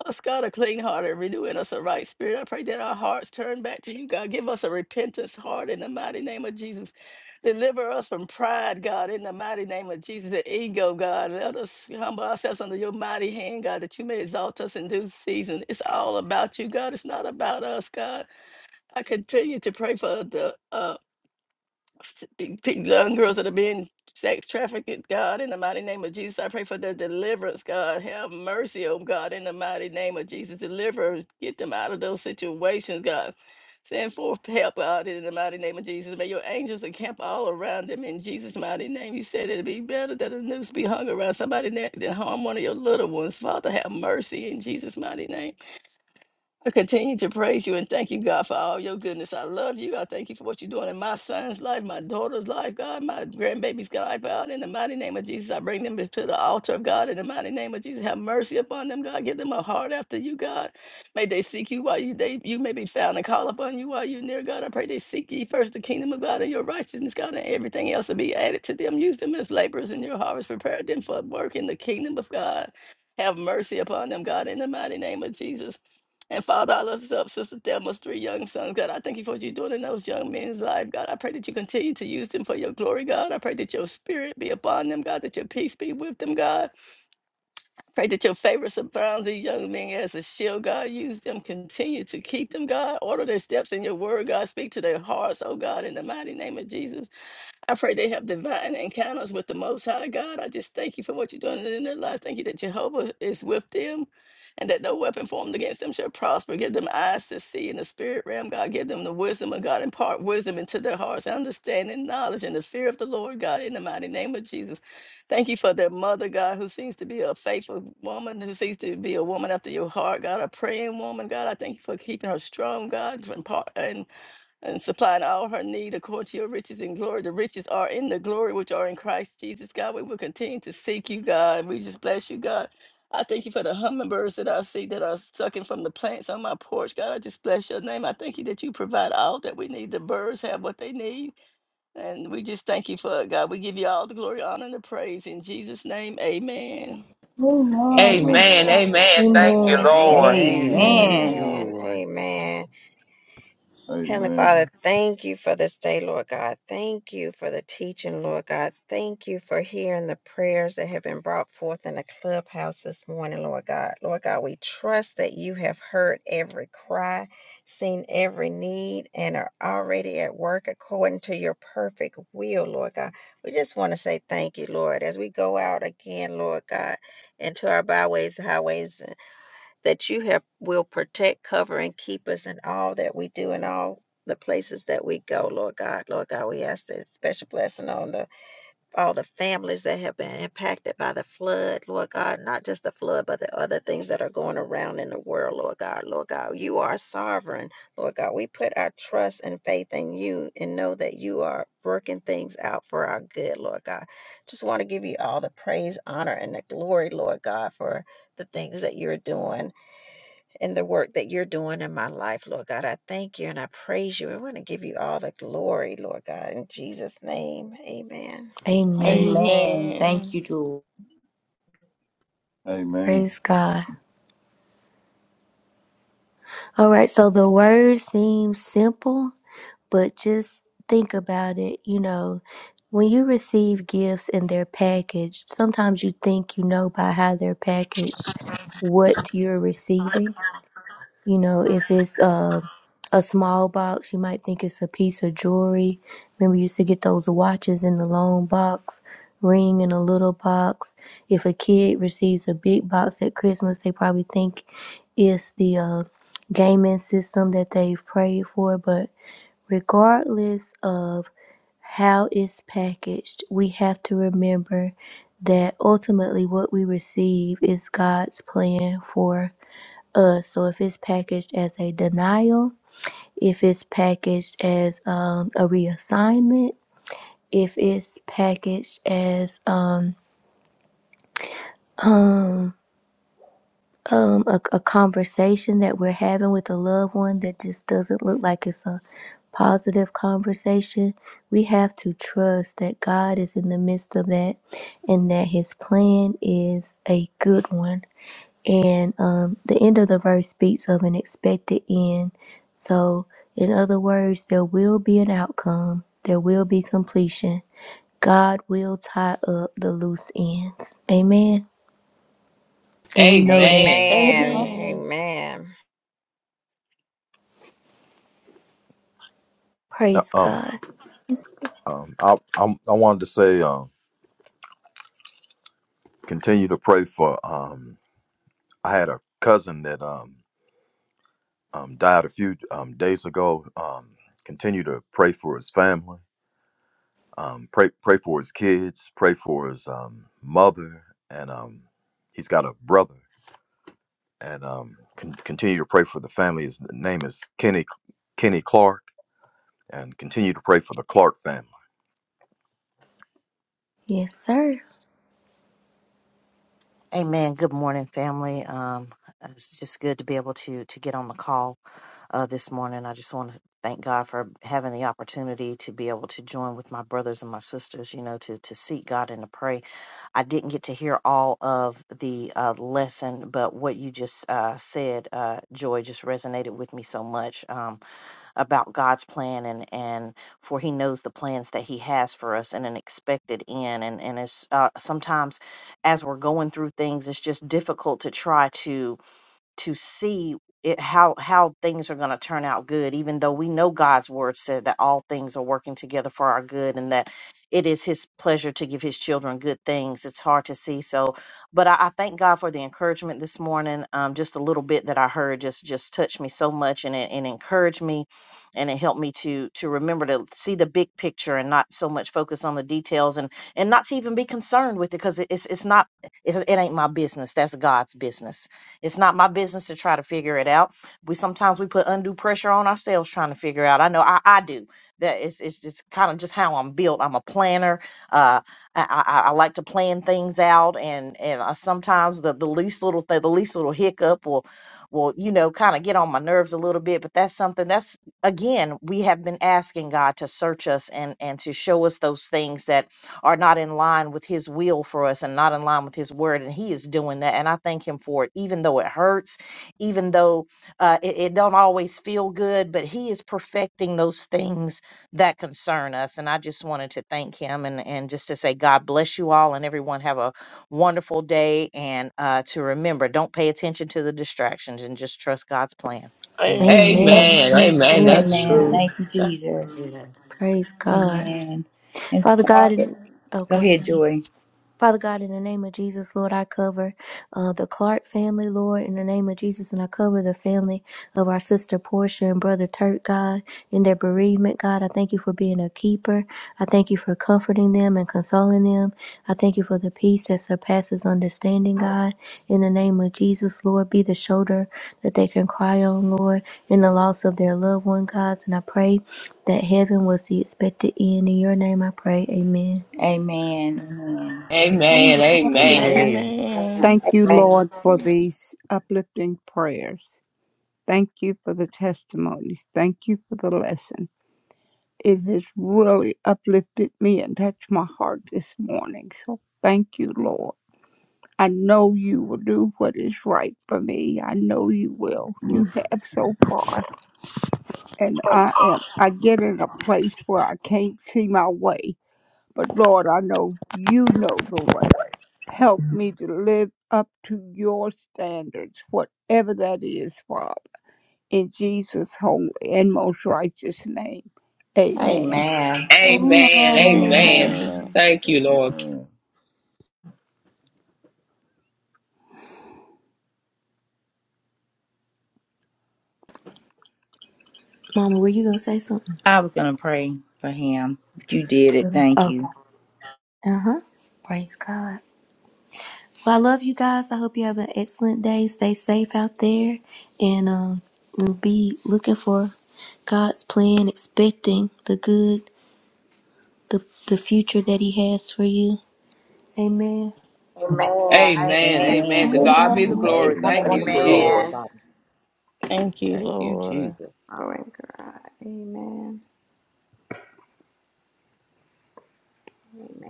[SPEAKER 7] Us, God, a clean heart and renewing us a right spirit. I pray that our hearts turn back to you, God. Give us a repentance heart in the mighty name of Jesus. Deliver us from pride, God, in the mighty name of Jesus, the ego, God. Let us humble ourselves under your mighty hand, God, that you may exalt us in due season. It's all about you, God. It's not about us, God. I continue to pray for the uh, s- big- big young girls that are being sex trafficked, God, in the mighty name of Jesus. I pray for their deliverance, God. Have mercy, oh God, in the mighty name of Jesus. Deliver, get them out of those situations, God. Send forth help, God, in the mighty name of Jesus. May your angels encamp all around them in Jesus' mighty name. You said it'd be better that a noose be hung around somebody than than harm one of your little ones. Father, have mercy in Jesus' mighty name. I continue to praise you and thank you, God, for all your goodness. I love you. I thank you for what you're doing in my son's life, my daughter's life, God, my grandbaby's life, God. In the mighty name of Jesus, I bring them to the altar of God. In the mighty name of Jesus, have mercy upon them, God. Give them a heart after you, God. May they seek you while you they you may be found and call upon you while you're near, God. I pray they seek ye first the kingdom of God and your righteousness, God, and everything else will be added to them. Use them as laborers in your harvest. Prepare them for work in the kingdom of God. Have mercy upon them, God, in the mighty name of Jesus. And Father, I lift up Sister Thelma's three young sons, God. I thank you for what you're doing in those young men's life, God. I pray that you continue to use them for your glory, God. I pray that your spirit be upon them, God, that your peace be with them, God. Pray that your favor surrounds these young men as a shield, God. Use them, continue to keep them, God. Order their steps in your word, God. Speak to their hearts, oh God, in the mighty name of Jesus. I pray they have divine encounters with the Most High God. I just thank you for what you're doing in their lives. Thank you that Jehovah is with them and that no weapon formed against them shall prosper. Give them eyes to see in the spirit realm, God. Give them the wisdom of God. Impart wisdom into their hearts, understanding, knowledge, and the fear of the Lord God in the mighty name of Jesus. Thank you for their mother, God, who seems to be a faithful woman, who seems to be a woman after your heart, God, a praying woman, God. I thank you for keeping her strong, God, and, and supplying all of her need according to your riches and glory. The riches are in the glory which are in Christ Jesus, God. We will continue to seek you, God. We just bless you, God. I thank you for the hummingbirds that I see that are sucking from the plants on my porch. God, I just bless your name. I thank you that you provide all that we need. The birds have what they need. And we just thank you for it, God. We give you all the glory, honor, and the praise. In Jesus' name, amen.
[SPEAKER 6] Amen.
[SPEAKER 10] Amen. Amen.
[SPEAKER 6] Amen.
[SPEAKER 3] Amen. Amen.
[SPEAKER 10] Amen.
[SPEAKER 3] Thank you,
[SPEAKER 2] Amen.
[SPEAKER 3] Lord.
[SPEAKER 10] Amen. Amen.
[SPEAKER 9] Amen.
[SPEAKER 2] Amen.
[SPEAKER 9] Thank you,
[SPEAKER 1] Amen.
[SPEAKER 10] Amen.
[SPEAKER 9] Lord.
[SPEAKER 10] Amen. Heavenly Father,
[SPEAKER 8] Amen.
[SPEAKER 10] thank you for this day, Lord God. Thank you for the teaching, Lord God. Thank you for hearing the prayers that have been brought forth in the clubhouse this morning, Lord God. Lord God, we trust that you have heard every cry, seen every need, and are already at work according to your perfect will, Lord God. We just want to say thank you, Lord, as we go out again, Lord God, into our byways, highways that you have will protect, cover, and keep us in all that we do and all the places that we go, Lord God. Lord God, we ask this special blessing on the all the families that have been impacted by the flood, Lord God, not just the flood, but the other things that are going around in the world, Lord God. Lord God, you are sovereign, Lord God. We put our trust and faith in you and know that you are working things out for our good, Lord God. Just want to give you all the praise, honor, and the glory, Lord God, for the things that you're doing and the work that you're doing in my life, Lord God. I thank you and I praise you. I want to give you all the glory, Lord God, in Jesus' name. Amen.
[SPEAKER 2] Amen.
[SPEAKER 1] Amen. Thank
[SPEAKER 7] Amen.
[SPEAKER 1] you, Lord.
[SPEAKER 8] Amen.
[SPEAKER 2] Praise God. All right, so the word seems simple but just think about it you know when you receive gifts and they're packaged sometimes you think you know by how they're packaged what you're receiving you know if it's uh, a small box you might think it's a piece of jewelry remember you used to get those watches in the long box ring in a little box if a kid receives a big box at christmas they probably think it's the uh, gaming system that they've prayed for but regardless of how it's packaged, we have to remember that ultimately what we receive is God's plan for us. So if it's packaged as a denial, if it's packaged as um, a reassignment, if it's packaged as um, um, um, a, a conversation that we're having with a loved one that just doesn't look like it's a positive conversation, we have to trust that God is in the midst of that and that His plan is a good one. And um, the end of the verse speaks of an expected end. So, in other words, there will be an outcome, there will be completion. God will tie up the loose ends. Amen. And we know that.
[SPEAKER 3] Amen. Amen.
[SPEAKER 6] Amen.
[SPEAKER 10] Amen.
[SPEAKER 7] Amen.
[SPEAKER 10] Amen.
[SPEAKER 2] Praise God. Yes, sir.
[SPEAKER 11] Amen. Good morning, family. Um, it's just good to be able to to get on the call uh, this morning. I just want to thank God for having the opportunity to be able to join with my brothers and my sisters. You know, to to seek God and to pray. I didn't get to hear all of the uh, lesson, but what you just uh, said, uh, Joy, just resonated with me so much. Um, about God's plan and and for He knows the plans that He has for us and an expected end. And and it's uh, sometimes as we're going through things, it's just difficult to try to to see it how how things are going to turn out good even though we know God's word said that all things are working together for our good and that it is his pleasure to give his children good things it's hard to see so but I, I thank God for the encouragement this morning um just a little bit that I heard just just touched me so much and it and encouraged me and it helped me to to remember to see the big picture and not so much focus on the details and and not to even be concerned with it because it, it's it's not it, it ain't my business that's God's business it's not my business to try to figure it out. We sometimes we put undue pressure on ourselves trying to figure out. I know I, I do. That it's it's just kind of just how I'm built. I'm a planner. Uh, I, I, I like to plan things out, and and uh, sometimes the, the least little thing, the least little hiccup will will you know kind of get on my nerves a little bit. But that's something that's again we have been asking God to search us and and to show us those things that are not in line with his will for us and not in line with his word. And he is doing that. And I thank him for it, even though it hurts, even though uh, it, it don't always feel good, but he is perfecting those things that concern us. And I just wanted to thank him and, and just to say, God bless you all and everyone have a wonderful day. And uh, to remember, don't pay attention to the distractions and just trust God's plan. Amen.
[SPEAKER 2] Amen.
[SPEAKER 3] Amen.
[SPEAKER 7] Amen.
[SPEAKER 3] Amen. That's
[SPEAKER 2] Amen.
[SPEAKER 1] Amen.
[SPEAKER 9] Amen.
[SPEAKER 6] Amen.
[SPEAKER 3] true.
[SPEAKER 1] Thank you, Jesus.
[SPEAKER 2] Praise God.
[SPEAKER 1] Amen. And
[SPEAKER 2] Father God,
[SPEAKER 1] Father,
[SPEAKER 2] in- oh,
[SPEAKER 1] go
[SPEAKER 2] go ahead.
[SPEAKER 1] ahead, Joy.
[SPEAKER 2] Father God, in the name of Jesus, Lord, I cover uh, the Clark family, Lord, in the name of Jesus, and I cover the family of our sister Portia and brother Turk, God, in their bereavement, God. I thank you for being a keeper. I thank you for comforting them and consoling them. I thank you for the peace that surpasses understanding, God. In the name of Jesus, Lord, be the shoulder that they can cry on, Lord, in the loss of their loved one, God. And I pray that heaven was the expected end. In your name, I pray. Amen.
[SPEAKER 1] Amen. Amen.
[SPEAKER 3] Amen.
[SPEAKER 11] Amen.
[SPEAKER 6] Amen.
[SPEAKER 3] Amen.
[SPEAKER 9] Amen.
[SPEAKER 7] Amen.
[SPEAKER 12] Thank you,
[SPEAKER 10] Amen.
[SPEAKER 12] Lord, for these uplifting prayers. Thank you for the testimonies. Thank you for the lesson. It has really uplifted me and touched my heart this morning. So thank you, Lord. I know you will do what is right for me. I know you will. You have so far. And I am, I get in a place where I can't see my way. But Lord, I know you know the way. Help me to live up to your standards, whatever that is, Father, in Jesus' holy and most righteous name.
[SPEAKER 10] Amen. Amen.
[SPEAKER 12] Amen.
[SPEAKER 3] Amen.
[SPEAKER 6] Amen.
[SPEAKER 1] Amen.
[SPEAKER 7] Amen.
[SPEAKER 3] Amen. Thank you, Lord.
[SPEAKER 2] Mama, were you going to say something?
[SPEAKER 1] I was going to pray for him, but you did it.
[SPEAKER 2] Okay.
[SPEAKER 1] Thank
[SPEAKER 2] Uh
[SPEAKER 1] you.
[SPEAKER 2] huh. Praise God. Well, I love you guys. I hope you have an excellent day. Stay safe out there, and um, and be looking for God's plan, expecting the good, the the future that He has for you. Amen.
[SPEAKER 3] Amen.
[SPEAKER 10] Amen. Amen.
[SPEAKER 3] Amen. To
[SPEAKER 1] Amen.
[SPEAKER 6] Amen.
[SPEAKER 3] God be
[SPEAKER 6] Amen.
[SPEAKER 3] the
[SPEAKER 9] Amen.
[SPEAKER 3] glory.
[SPEAKER 11] Have
[SPEAKER 8] Amen.
[SPEAKER 11] a
[SPEAKER 3] Thank
[SPEAKER 8] Amen.
[SPEAKER 9] Thank
[SPEAKER 3] you,
[SPEAKER 9] you,
[SPEAKER 11] wonderful day,
[SPEAKER 9] Lord.
[SPEAKER 10] Amen. Amen.
[SPEAKER 3] Jesus.
[SPEAKER 11] everybody.
[SPEAKER 7] Thank you,
[SPEAKER 3] Thank you,
[SPEAKER 7] Lord.
[SPEAKER 3] Jesus.
[SPEAKER 10] Glory God. Amen. Amen.